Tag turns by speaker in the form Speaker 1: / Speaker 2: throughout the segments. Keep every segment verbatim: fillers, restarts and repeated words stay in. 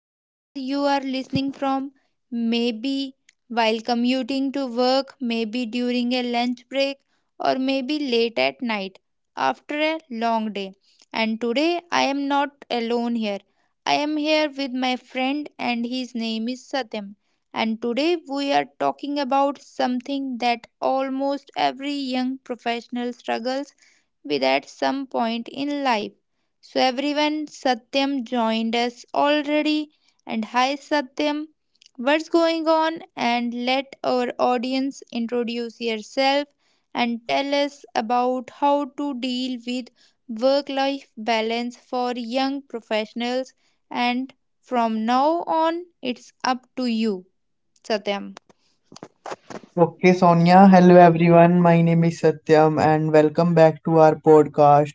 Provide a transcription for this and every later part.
Speaker 1: wherever you are listening from, maybe while commuting to work, maybe during a lunch break, or maybe late at night after a long day. And today I am not alone here. I am here with my friend, and his name is Satyam. And today we are talking about something that almost every young professional struggles with at some point in life. So everyone, Satyam joined us already. And hi Satyam, what's going on? And let our audience introduce yourself and tell us about how to deal with work life balance for young professionals and from now on it's up to you Satyam.
Speaker 2: Okay, Sonia. Hello, everyone. My name is Satyam, and welcome back to our podcast.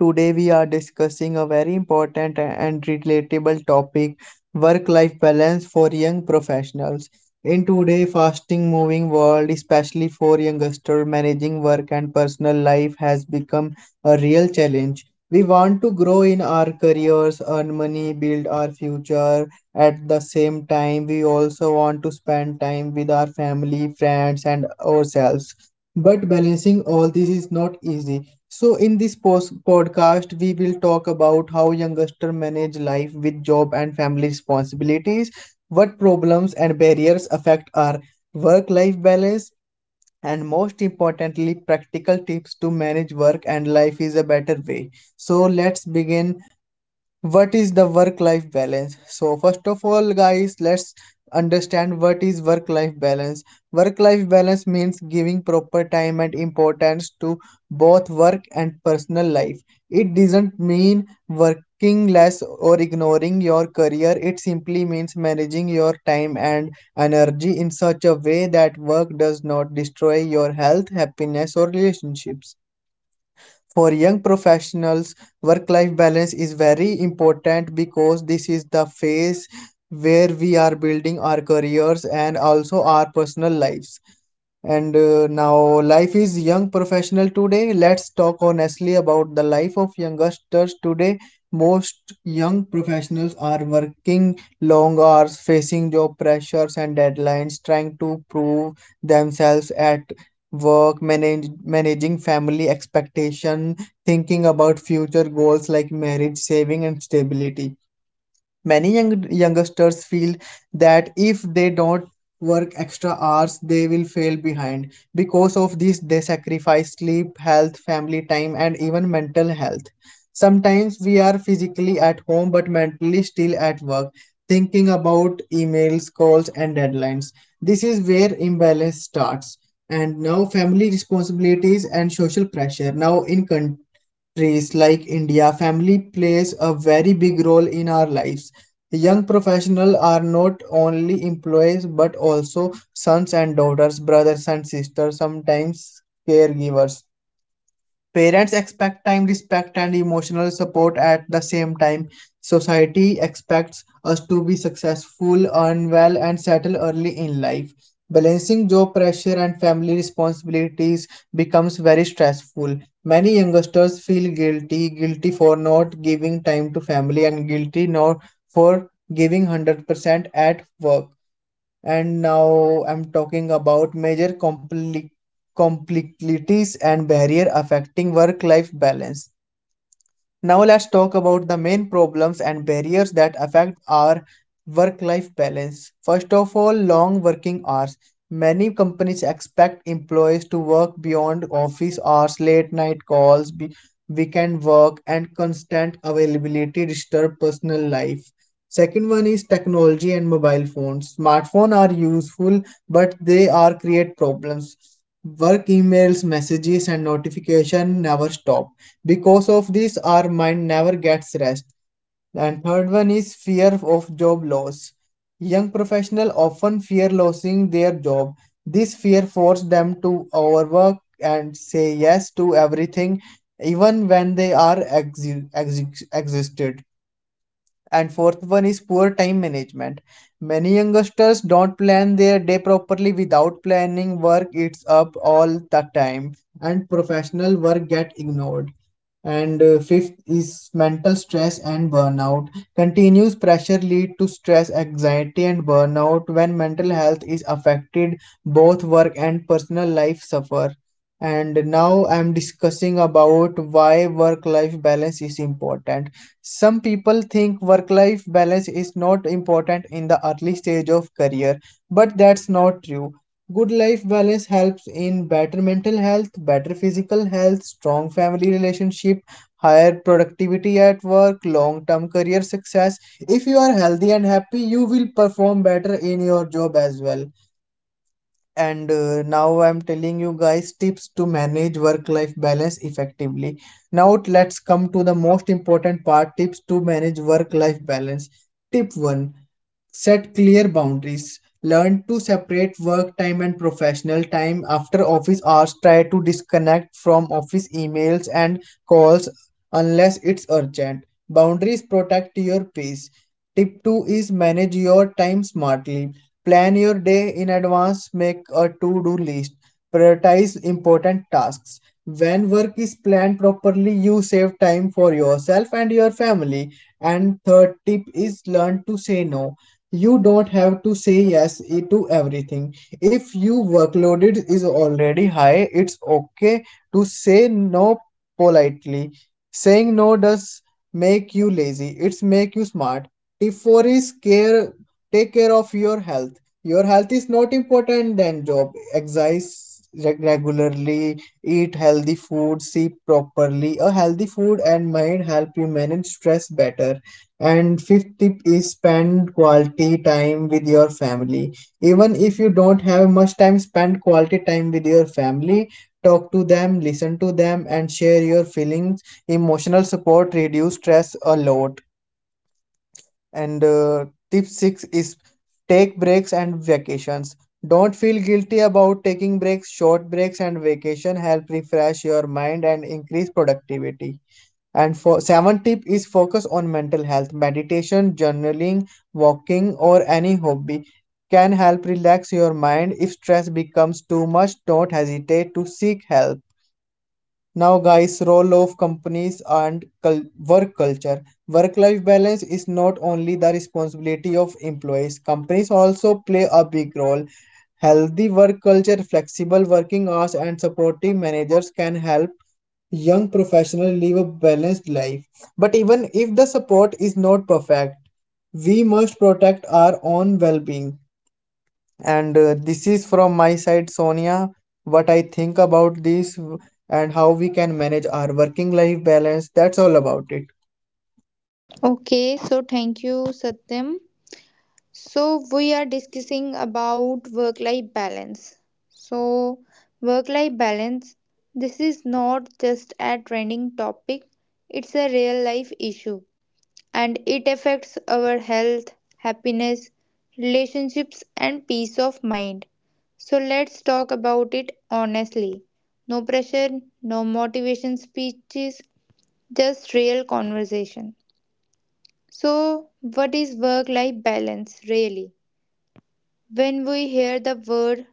Speaker 2: Today, we are discussing a very important and relatable topic, work life balance for young professionals. In today's fasting moving world, especially for youngsters, managing work and personal life has become a real challenge. We want to grow in our careers, earn money, build our future. At the same time, we also want to spend time with our family, friends, and ourselves. But balancing all this is not easy. So, in this pos- podcast, we will talk about how youngsters manage life with job and family responsibilities, what problems and barriers affect our work life balance, and most importantly, practical tips to manage work and life is a better way. So, let's begin. What is the work life balance? So first of all guys, let's understand what is work life balance. Work life balance means giving proper time and importance to both work and personal life. It doesn't mean working less or ignoring your career. It simply means managing your time and energy in such a way that work does not destroy your health, happiness, or relationships. For young professionals, work life balance is very important because this is the phase where we are building our careers and also our personal lives. And uh, now, life is young professional today. Let's talk honestly about the life of youngsters today. Most young professionals are working long hours, facing job pressures and deadlines, trying to prove themselves at work, manage, managing family expectation, thinking about future goals like marriage, saving, and stability. Many young, youngsters feel that if they don't work extra hours, they will fail behind. Because of this, they sacrifice sleep, health, family time, and even mental health. Sometimes we are physically at home but mentally still at work, thinking about emails, calls, and deadlines. This is where imbalance starts. And now, family responsibilities and social pressure. Now, in countries like India, family plays a very big role in our lives. Young professionals are not only employees but also sons and daughters, brothers and sisters, sometimes caregivers. Parents expect time, respect, and emotional support at the same time. Society expects us to be successful, earn well, and settle early in life. Balancing job pressure and family responsibilities becomes very stressful. Many youngsters feel guilty, guilty for not giving time to family, and guilty not for giving one hundred percent at work. And now I'm talking about major compli- complexities and barrier affecting work-life balance. Now let's talk about the main problems and barriers that affect our work-life balance. First of all, long working hours. Many companies expect employees to work beyond office hours, late night calls, be- weekend work, and constant availability disturb personal life. Second one is technology and mobile phones. Smartphones are useful, but they are create problems. Work emails, messages, and notification never stop. Because of this, our mind never gets rest. And third one is fear of job loss. Young professionals often fear losing their job. This fear forces them to overwork and say yes to everything, even when they are ex- ex- exhausted. And fourth one is poor time management. Many youngsters don't plan their day properly without planning. Work eats up all the time, and professional work get ignored. And uh, fifth is mental stress and burnout. Continuous pressure lead to stress, anxiety, and burnout. When mental health is affected, both work and personal life suffer. And now I'm discussing about why work-life balance is important. Some people think work life balance is not important in the early stage of career, but that's not true. Good life balance helps in better mental health, better physical health, strong family relationship, higher productivity at work, long term career success. If you are healthy and happy, you will perform better in your job as well. And uh, now I'm telling you guys tips to manage work life balance effectively. Now let's come to the most important part, tips to manage work life balance. Tip one, set clear boundaries. Learn to separate work time and professional time after office hours. Try to disconnect from office emails and calls unless it's urgent. Boundaries protect your peace. Tip two is manage your time smartly. Plan your day in advance, make a to-do list, prioritize important tasks. When work is planned properly, you save time for yourself and your family. And third tip is learn to say no. You don't have to say yes to everything. If your workload is already high, it's okay to say no politely. Saying no does make you lazy. It's make you smart. Tip four is care take care of your health. Your health is not important than job. Exercise reg- regularly, eat healthy food, sleep properly. A healthy food and mind help you manage stress better. And fifth tip is spend quality time with your family. Even if you don't have much time, spend quality time with your family. Talk to them, listen to them, and share your feelings. Emotional support reduce stress a lot. And uh, tip six is take breaks and vacations. Don't feel guilty about taking breaks. Short breaks and vacation help refresh your mind and increase productivity. And for seven tip is focus on mental health. Meditation, journaling, walking, or any hobby can help relax your mind. If stress becomes too much, don't hesitate to seek help. Now, guys, role of companies and cul- work culture. Work life balance is not only the responsibility of employees, companies also play a big role. Healthy work culture, flexible working hours, and supportive managers can help young professionals live a balanced life. But even if the support is not perfect, we must protect our own well being. And uh, this is from my side, Sonia, what I think about this and how we can manage our working life balance. That's all about it.
Speaker 1: Okay, so thank you Satyam. So we are discussing about work life balance. So work life balance, this is not just a trending topic, it's a real life issue and it affects our health, happiness, relationships and peace of mind. So let's talk about it honestly. No pressure, no motivation speeches, just real conversation. So what is work life balance really? When we hear the word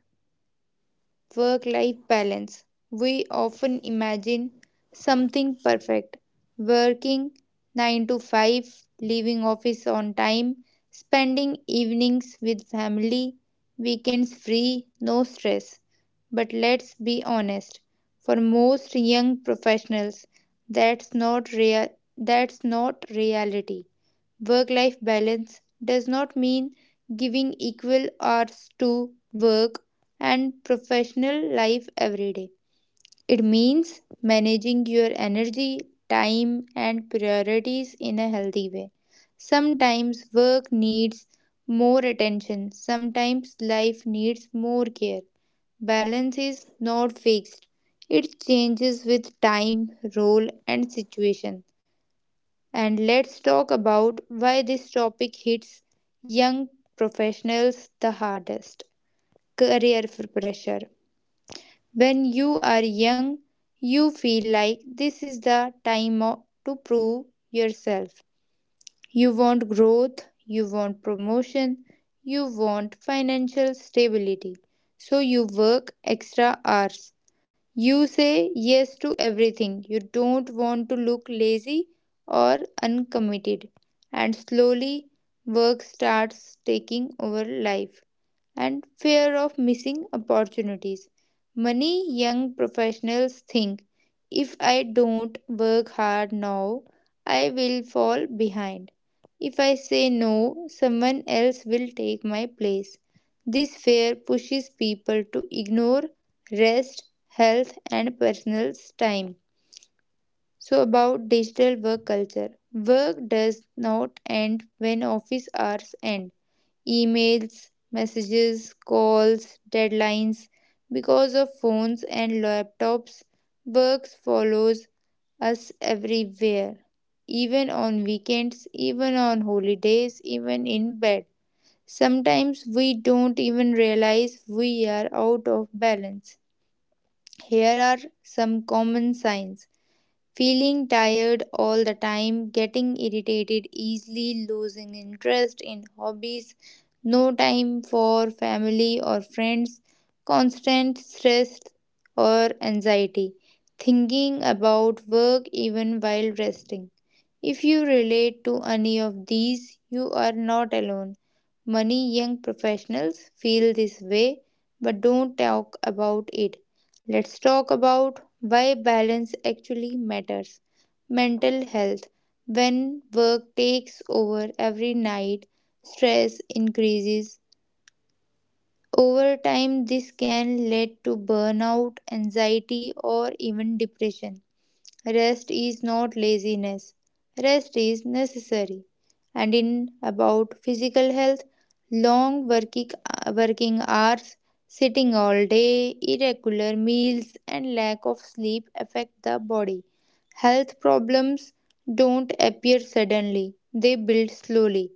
Speaker 1: work life balance, we often imagine something perfect, working nine to five, leaving office on time, spending evenings with family, weekends free, no stress. But let's be honest, for most young professionals, that's not real that's not reality. Work life balance does not mean giving equal hours to work and professional life every day. It means managing your energy, time, and priorities in a healthy way. Sometimes work needs more attention, sometimes life needs more care. Balance is not fixed, it changes with time, role, and situation. And let's talk about why this topic hits young professionals the hardest. career f- pressure. When you are young, you feel like this is the time o- to prove yourself. You want growth, you want promotion, you want financial stability. So you work extra hours, you say yes to everything. You don't want to look lazy or uncommitted. And slowly, work starts taking over life and fear of missing opportunities. Many young professionals think, if I don't work hard now, I will fall behind. If I say no, someone else will take my place. This fear pushes people to ignore rest, health, and personal time. So, about digital work culture, work does not end when office hours end. Emails, messages, calls, deadlines. Because of phones and laptops, work follows us everywhere, even on weekends, even on holidays, even in bed. Sometimes we don't even realize we are out of balance. Here are some common signs. Feeling tired all the time, getting irritated easily, losing interest in hobbies, no time for family or friends, constant stress or anxiety, thinking about work even while resting. If you relate to any of these, you are not alone. Many young professionals feel this way but don't talk about it. Let's talk about why balance actually matters. Mental health. When work takes over every night, stress increases. Over time, this can lead to burnout, anxiety, or even depression. Rest is not laziness. Rest is necessary. And in about physical health, long working, working hours, sitting all day, irregular meals, and lack of sleep affect the body. Health problems don't appear suddenly, they build slowly.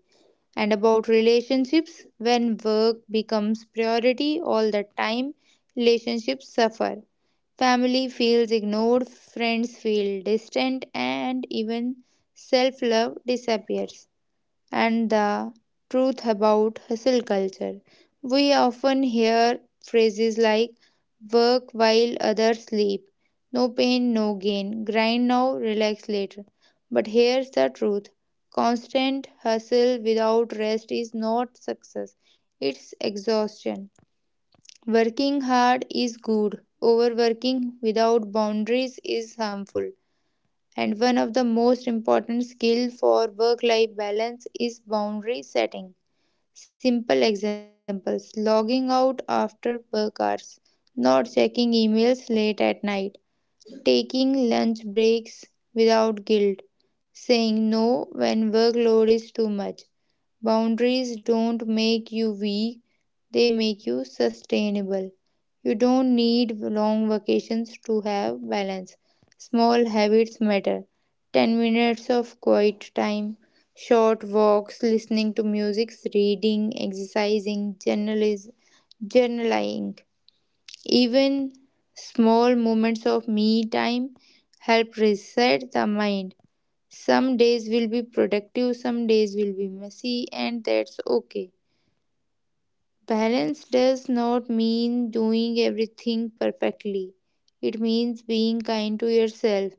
Speaker 1: And about relationships, when work becomes priority all the time, relationships suffer. Family feels ignored, friends feel distant, and even self love disappears. And the truth about hustle culture. We often hear phrases like work while others sleep, no pain, no gain, grind now, relax later. But here's the truth, constant hustle without rest is not success, it's exhaustion. Working hard is good, overworking without boundaries is harmful. And one of the most important skills for work life balance is boundary setting. Simple examples: logging out after work hours, not checking emails late at night, taking lunch breaks without guilt, saying no when workload is too much. Boundaries don't make you weak, they make you sustainable. You don't need long vacations to have balance. Small habits matter. ten minutes of quiet time, short walks, listening to music, reading, exercising, journalis- journaling. Even small moments of me time help reset the mind. Some days will be productive, some days will be messy, and that's okay. Balance does not mean doing everything perfectly, it means being kind to yourself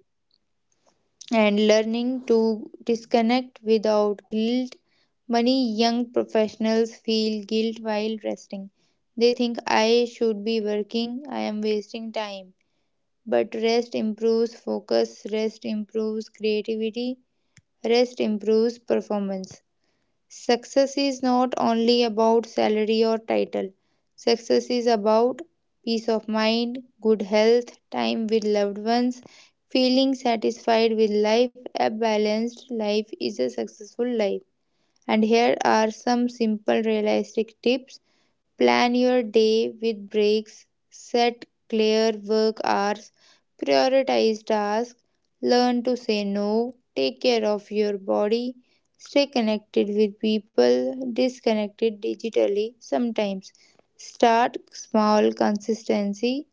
Speaker 1: and learning to disconnect without guilt. Many young professionals feel guilt while resting. They think, I should be working, I am wasting time. But rest improves focus, rest improves creativity, rest improves performance. Success is not only about salary or title. Success is about peace of mind, good health, time with loved ones, feeling satisfied with life. A balanced life is a successful life. And here are some simple realistic tips. Plan your day with breaks, set clear work hours, prioritize tasks, learn to say no, take care of your body, stay connected with people, disconnected digitally sometimes. Start small, consistency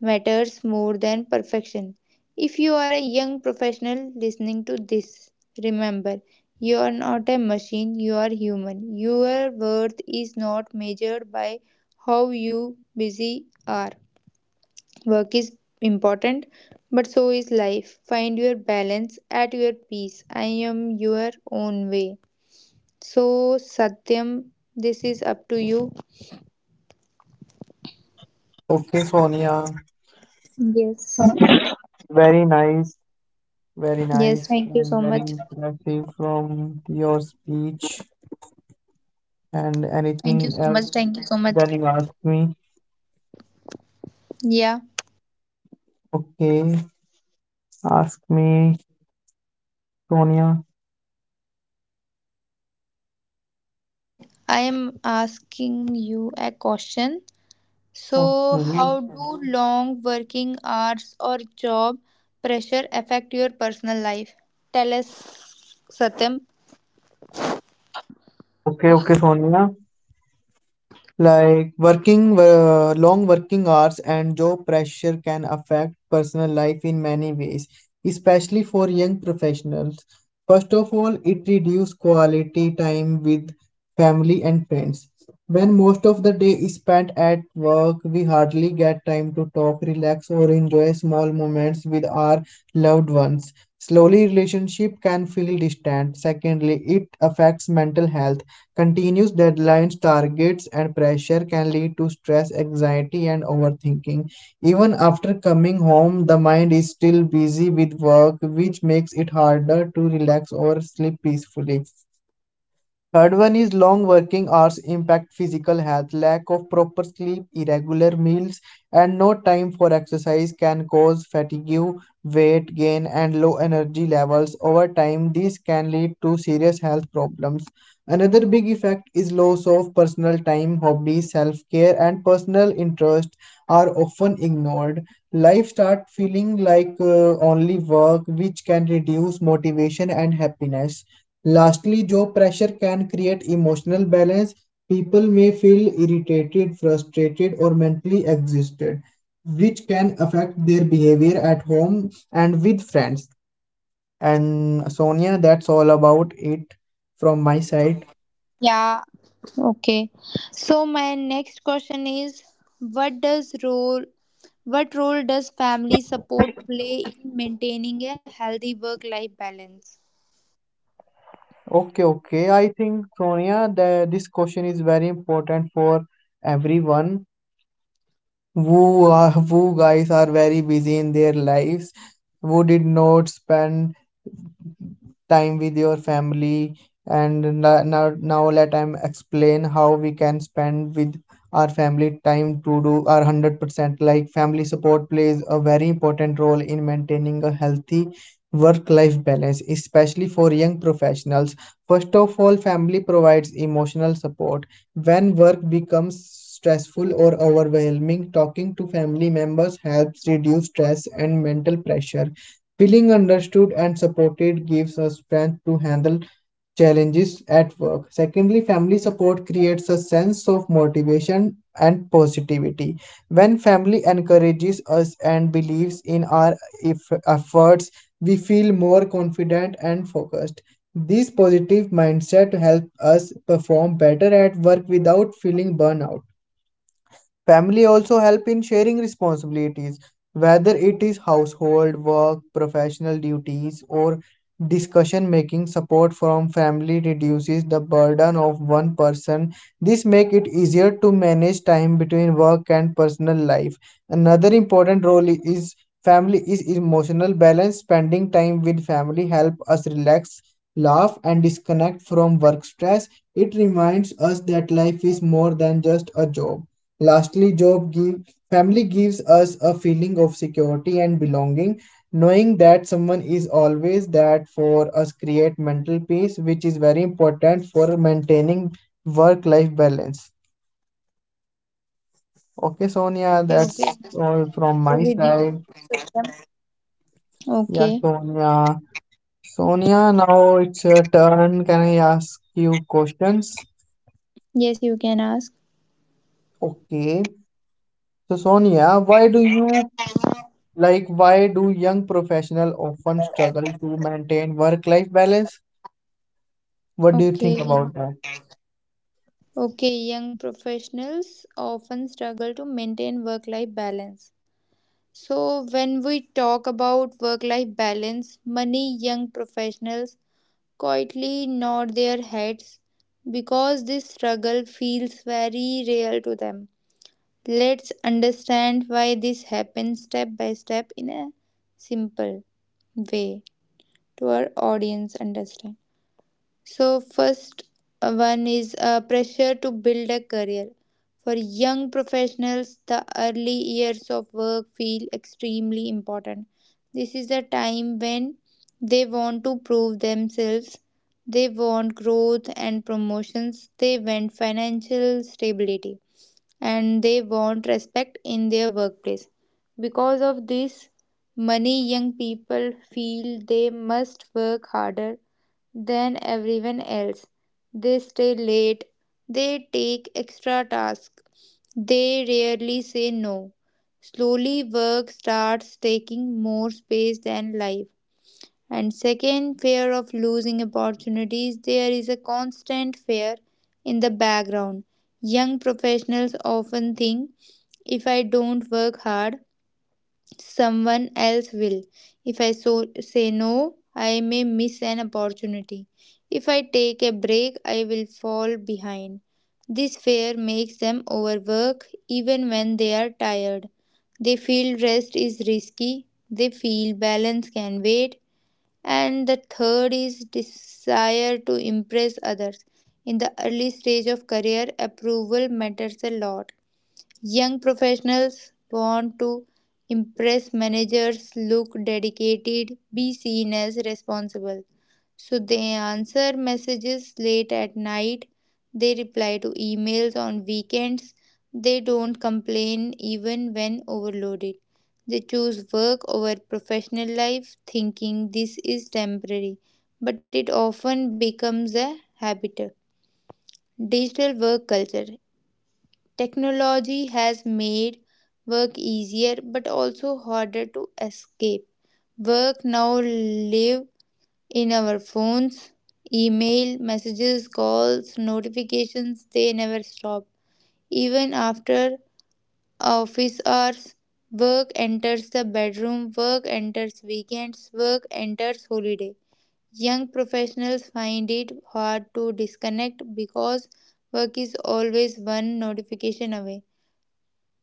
Speaker 1: matters more than perfection. If you are a young professional listening to this, remember, you are not a machine, you are human. Your worth is not measured by how you busy are. Work is important, but so is life. Find your balance at your peace. I am your own way. So, Satyam, this is up to you.
Speaker 2: Okay, Sonia,
Speaker 1: Yes.
Speaker 2: very nice, very
Speaker 1: Yes,
Speaker 2: nice,
Speaker 1: thank you
Speaker 2: and
Speaker 1: so
Speaker 2: very
Speaker 1: much.
Speaker 2: impressive from your speech. And
Speaker 1: Thank you
Speaker 2: anything
Speaker 1: so
Speaker 2: else
Speaker 1: much. Thank you so much.
Speaker 2: that you ask me?
Speaker 1: Yeah.
Speaker 2: Okay, ask me, Sonia.
Speaker 1: I am asking you a question. So,
Speaker 2: Okay,
Speaker 1: how do long working hours or job pressure affect your personal life? Tell us, Satyam.
Speaker 2: okay, okay, Sonia. Like working uh, long working hours and job pressure can affect personal life in many ways, especially for young professionals. First of all, it reduces quality time with family and friends. When most of the day is spent at work, we hardly get time to talk, relax, or enjoy small moments with our loved ones. Slowly, relationship can feel distant. Secondly, it affects mental health. Continuous deadlines, targets, and pressure can lead to stress, anxiety, and overthinking. Even after coming home, the mind is still busy with work, which makes it harder to relax or sleep peacefully. Third one is long working hours impact physical health. Lack of proper sleep, irregular meals, and no time for exercise can cause fatigue, weight gain, and low energy levels. Over time, these can lead to serious health problems. Another big effect is loss of personal time, hobbies, self care, and personal interest are often ignored. Life starts feeling like uh, only work, which can reduce motivation and happiness. Lastly, job pressure can create emotional balance. People may feel irritated, frustrated, or mentally exhausted, which can affect their behavior at home and with friends. And Sonia, that's all about it from my side.
Speaker 1: Yeah, okay. So, my next question is what does role what role does family support play in maintaining a healthy work life balance?
Speaker 2: Okay, okay. I think Sonia, that this question is very important for everyone who are, who guys are very busy in their lives, who did not spend time with your family and n- now now let I'm explain how we can spend with our family time to do our one hundred percent. Like family support plays a very important role in maintaining a healthy work life balance, especially for young professionals. First of all, family provides emotional support. When work becomes stressful or overwhelming, talking to family members helps reduce stress and mental pressure. Feeling understood and supported gives us strength to handle challenges at work. Secondly, family support creates a sense of motivation and positivity. When family encourages us and believes in our eff- efforts, we feel more confident and focused. This positive mindset helps us perform better at work without feeling burnout. Family also help in sharing responsibilities, whether it is household work, professional duties, or discussion making. Support from family reduces the burden of one person. This makes it easier to manage time between work and personal life. Another important role is family is emotional balance. Spending time with family help us relax, laugh, and disconnect from work stress. It reminds us that life is more than just a job. Lastly, job give family gives us a feeling of security and belonging. Knowing that someone is always that for us create mental peace, which is very important for maintaining work-life balance. Okay, Sonia,
Speaker 1: Okay, okay.
Speaker 2: that's all
Speaker 1: I
Speaker 2: from my
Speaker 1: agree with you.
Speaker 2: side.
Speaker 1: Satyam.
Speaker 2: Yeah,
Speaker 1: Okay.
Speaker 2: Sonia. Sonia, now it's your turn. Can I ask you questions?
Speaker 1: Yes, you can ask.
Speaker 2: Okay. So, Sonia, why do you Like, why do young professionals often struggle to maintain work-life balance? What do you
Speaker 1: Okay.
Speaker 2: think about that?
Speaker 1: Okay, young professionals often struggle to maintain work life balance. So, when we talk about work life balance, many young professionals quietly nod their heads because this struggle feels very real to them. Let's understand why this happens step by step in a simple way to our audience understand. So, first uh, one is uh, pressure to build a career. For young professionals, the early years of work feel extremely important. This is a time when they want to prove themselves, they want growth and promotions, they want financial stability, and they want respect in their workplace. Because of this, many young people feel they must work harder than everyone else. They stay late, they take extra tasks, they rarely say no. Slowly, work starts taking more space than life. And second, fear of losing opportunities. There is a constant fear in the background. Young professionals often think, if I don't work hard, someone else will. If I so say no, I may miss an opportunity. If I take a break, I will fall behind. This fear makes them overwork even when they are tired. They feel rest is risky, they feel balance can wait, and the third is desire to impress others. In the early stage of career, approval matters a lot. Young professionals want to impress managers, look dedicated, be seen as responsible. So they answer messages late at night, they reply to emails on weekends, they don't complain even when overloaded. They choose work over professional life, thinking this is temporary, but it often becomes a habit. Digital work culture. Technology has made work easier but also harder to escape. Work now live in our phones, email, messages, calls, notifications, they never stop. Even after office hours, work enters the bedroom, work enters weekends, work enters holiday. Young professionals find it hard to disconnect because work is always one notification away.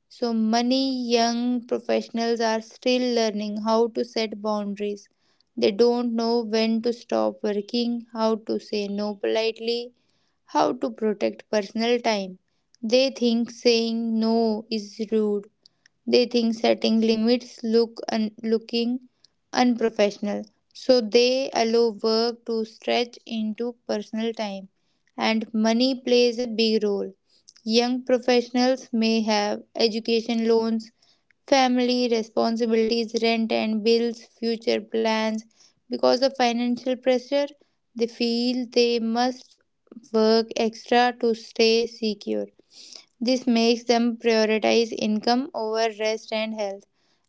Speaker 1: So many young professionals are still learning how to set boundaries. They don't know when to stop working, how to say no politely, how to protect personal time. They think saying no is rude. They think setting limits look un- looking unprofessional. So they allow work to stretch into personal time and money plays a big role. Young professionals may have education loans, family responsibilities, rent and bills, future plans. Because of financial pressure, they feel they must work extra to stay secure. This makes them prioritize income over rest and health.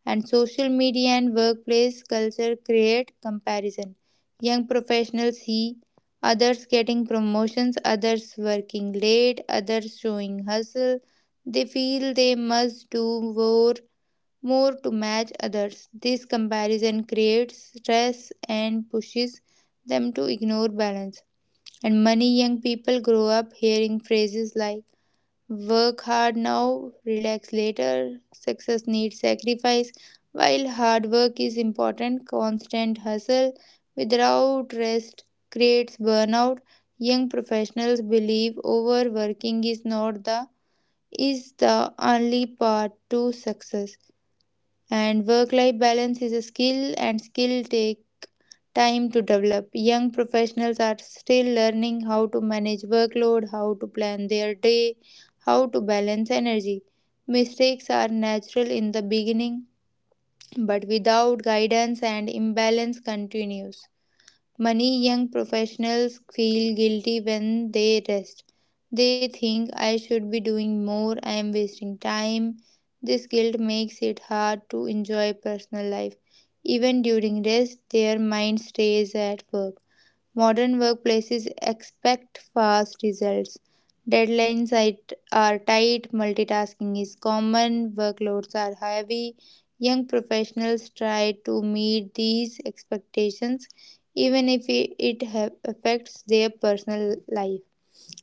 Speaker 1: And social media and workplace culture create comparison. Young professionals see others getting promotions, others working late, others showing hustle. They feel they must do more, more to match others. This comparison creates stress and pushes them to ignore balance. And many young people grow up hearing phrases like, work hard now, relax later. Success needs sacrifice. While hard work is important, constant hustle without rest creates burnout. Young professionals believe overworking is not the is the only path to success and work life balance is a skill and skill take time to develop. Young professionals are still learning how to manage workload, how to plan their day, how to balance energy. Mistakes are natural in the beginning, but without guidance and imbalance continues. Many young professionals feel guilty when they rest. They think I should be doing more, I am wasting time. This guilt makes it hard to enjoy personal life. Even during rest, their mind stays at work. Modern workplaces expect fast results. Deadlines it- are tight, multitasking is common, workloads are heavy. Young professionals try to meet these expectations, even if it it ha- affects their personal life.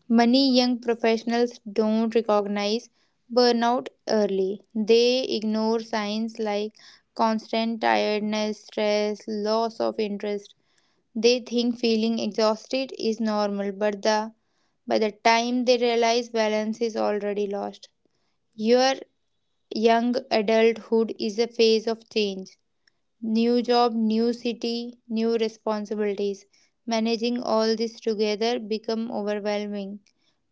Speaker 1: Many young professionals don't recognize burnout early. They ignore signs like constant tiredness, stress, loss of interest. They think feeling exhausted is normal, but the by the time they realize, balance is already lost. Your young adulthood is a phase of change. New job, new city, new responsibilities. Managing all this together become overwhelming.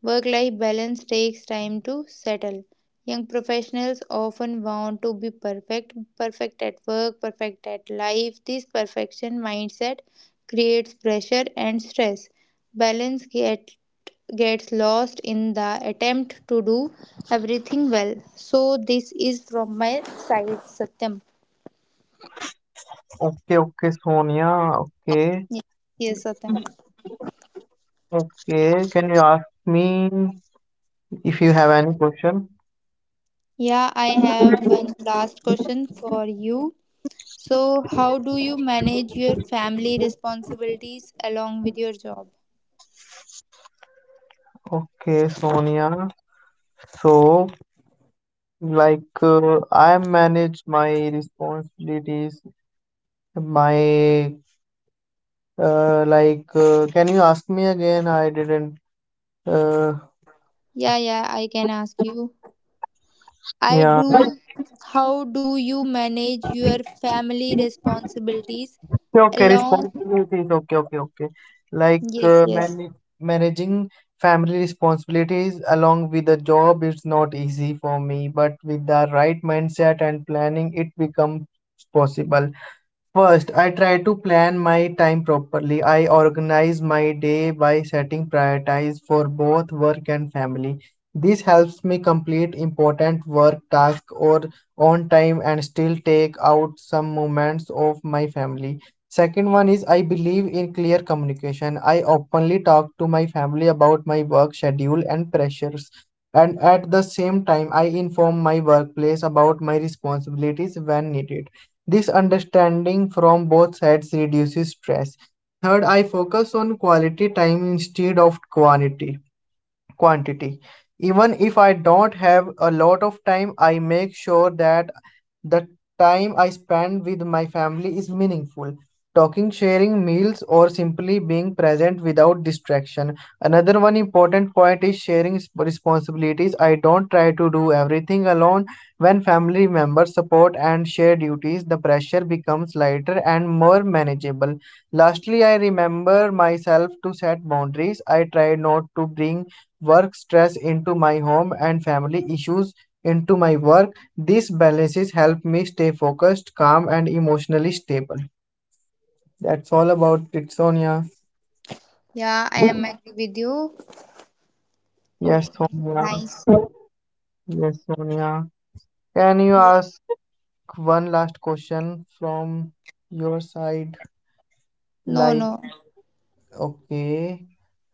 Speaker 1: Work life balance takes time to settle. Young professionals often want to be perfect, perfect at work, perfect at life. This perfection mindset creates pressure and stress. Balance get, gets lost in the attempt to do everything well. So, this is from my side, Satyam.
Speaker 2: Okay, okay, Sonia. Okay,
Speaker 1: Yes, yes, Satyam.
Speaker 2: okay. Can you ask me if you have any question?
Speaker 1: Yeah, I have one last question for you. So, how do you manage your family responsibilities along with your job?
Speaker 2: Okay, Sonia. So, like, uh, I manage my responsibilities. My, uh, like, uh, can you ask me again? I didn't. Uh,
Speaker 1: Yeah, yeah, I can ask you. I
Speaker 2: yeah.
Speaker 1: do. How do you manage your family responsibilities
Speaker 2: Okay, okay,
Speaker 1: along?
Speaker 2: responsibilities. Okay, okay, okay. Like
Speaker 1: Yes,
Speaker 2: uh,
Speaker 1: yes.
Speaker 2: man managing family responsibilities along with a job is not easy for me, but with the right mindset and planning, it becomes possible. First, I try to plan my time properly. I organize my day by setting priorities for both work and family. This helps me complete important work tasks or on time and still take out some moments of my family. Second one is I believe in clear communication. I openly talk to my family about my work schedule and pressures. And at the same time, I inform my workplace about my responsibilities when needed. This understanding from both sides reduces stress. Third, I focus on quality time instead of quantity quantity. Even if I don't have a lot of time, I make sure that the time I spend with my family is meaningful. Talking, sharing meals, or simply being present without distraction. Another one important point is sharing s- responsibilities. I don't try to do everything alone. When family members support and share duties, the pressure becomes lighter and more manageable. Lastly, I remember myself to set boundaries. I try not to bring work stress into my home and family issues into my work. These balances help me stay focused, calm, and emotionally stable. That's all about it, Sonia.
Speaker 1: Yeah, I am agree with you.
Speaker 2: Yes,
Speaker 1: Okay,
Speaker 2: Sonia.
Speaker 1: nice.
Speaker 2: Yes, Sonia. Can you ask one last question from your side?
Speaker 1: No,
Speaker 2: Like,
Speaker 1: no.
Speaker 2: okay.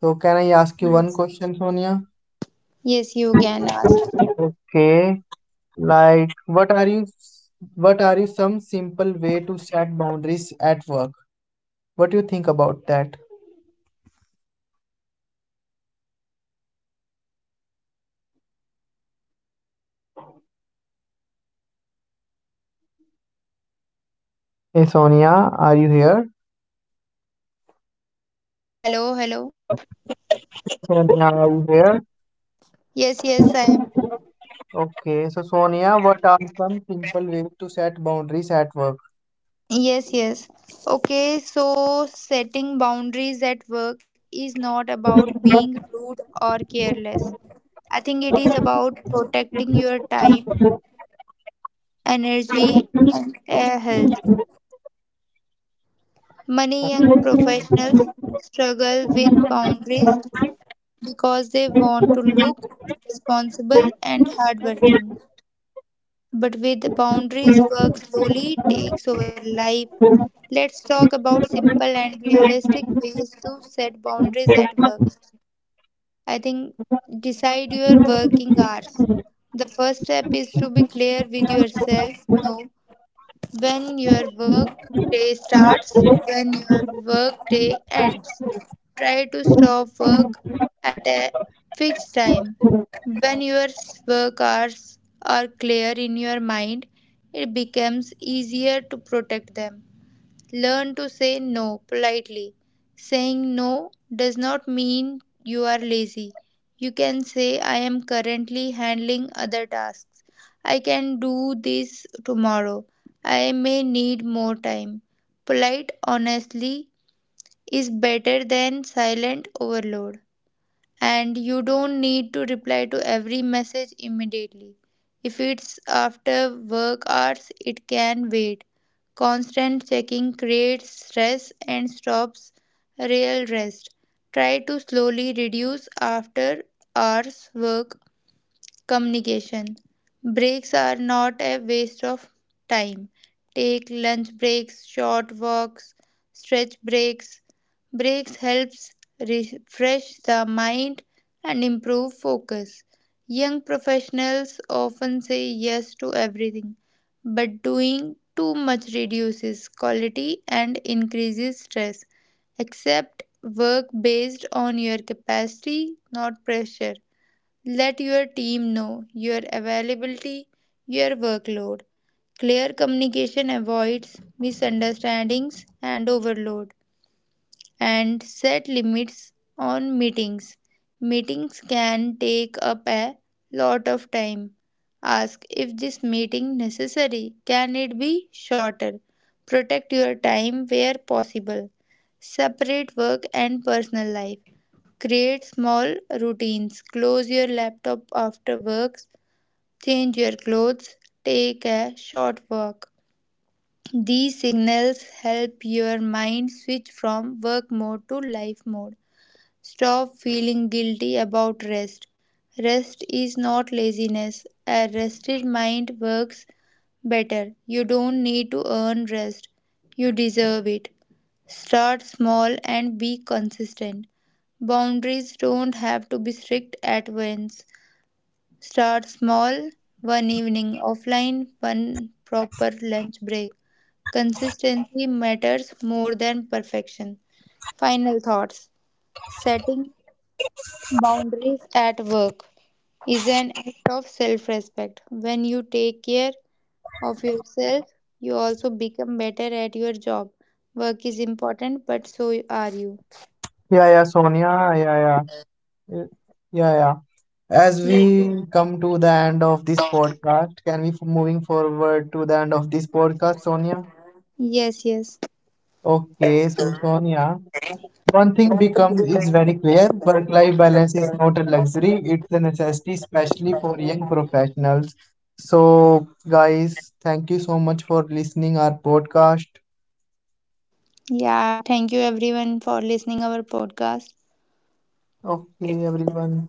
Speaker 2: So, can I ask you one
Speaker 1: Yes,
Speaker 2: question, Sonia?
Speaker 1: yes, you can ask.
Speaker 2: Okay. Like, what are you, what are you some simple way to set boundaries at work? What do you think about that? Hey Sonia, are you here?
Speaker 1: Hello, hello.
Speaker 2: Sonia, are you here?
Speaker 1: Yes, yes, I am.
Speaker 2: Okay, so Sonia, what are some simple ways to set boundaries at work?
Speaker 1: Yes, yes. Okay, so setting boundaries at work is not about being rude or careless. I think it is about protecting your time, energy, and uh, health. Many young professionals struggle with boundaries because they want to look responsible and hardworking, but with boundaries, work slowly takes over life. Let's talk about simple and realistic ways to set boundaries at work. I think decide your working hours. The first step is to be clear with yourself. No, when your work day starts, when your work day ends. Try to stop work at a fixed time. When your work hours are clear in your mind, it becomes easier to protect them. Learn to say no politely. Saying no does not mean you are lazy. You can say, I am currently handling other tasks. I can do this tomorrow. I may need more time. Polite honestly is better than silent overload, and you don't need to reply to every message immediately. If it's after work hours, it can wait. Constant checking creates stress and stops real rest. Try to slowly reduce after hours work. Communication breaks are not a waste of time. Take lunch breaks, short walks, stretch breaks. Breaks helps refresh the mind and improve focus. Young professionals often say yes to everything, but doing too much reduces quality and increases stress. Accept work based on your capacity, not pressure. Let your team know your availability, your workload. Clear communication avoids misunderstandings and overload. And set limits on meetings. Meetings can take up a lot of time. Ask if this meeting necessary. Can it be shorter? Protect your time where possible. Separate work and personal life. Create small routines. Close your laptop after work, change your clothes, take a short walk. These signals help your mind switch from work mode to life mode. Stop feeling guilty about rest. Rest is not laziness. A rested mind works better. You don't need to earn rest, you deserve it. Start small and be consistent. Boundaries don't have to be strict at once. Start small, one evening offline, one proper lunch break. Consistency matters more than perfection. Final thoughts. Setting boundaries at work is an act of self respect. When you take care of yourself, you also become better at your job. Work is important, but so are you.
Speaker 2: Yeah, yeah, Sonia, yeah, yeah, yeah, yeah. yeah. As
Speaker 1: Yes, yes.
Speaker 2: we come to the end of this podcast, can we f- moving forward to the end of this podcast, Sonia?
Speaker 1: Yes. Yes.
Speaker 2: Okay, so Sonia, one thing become is very clear, work-life balance is not a luxury, it's a necessity, especially for young professionals. So, guys, thank you so much for listening our podcast.
Speaker 1: Yeah, thank you everyone for listening our podcast.
Speaker 2: Okay, everyone.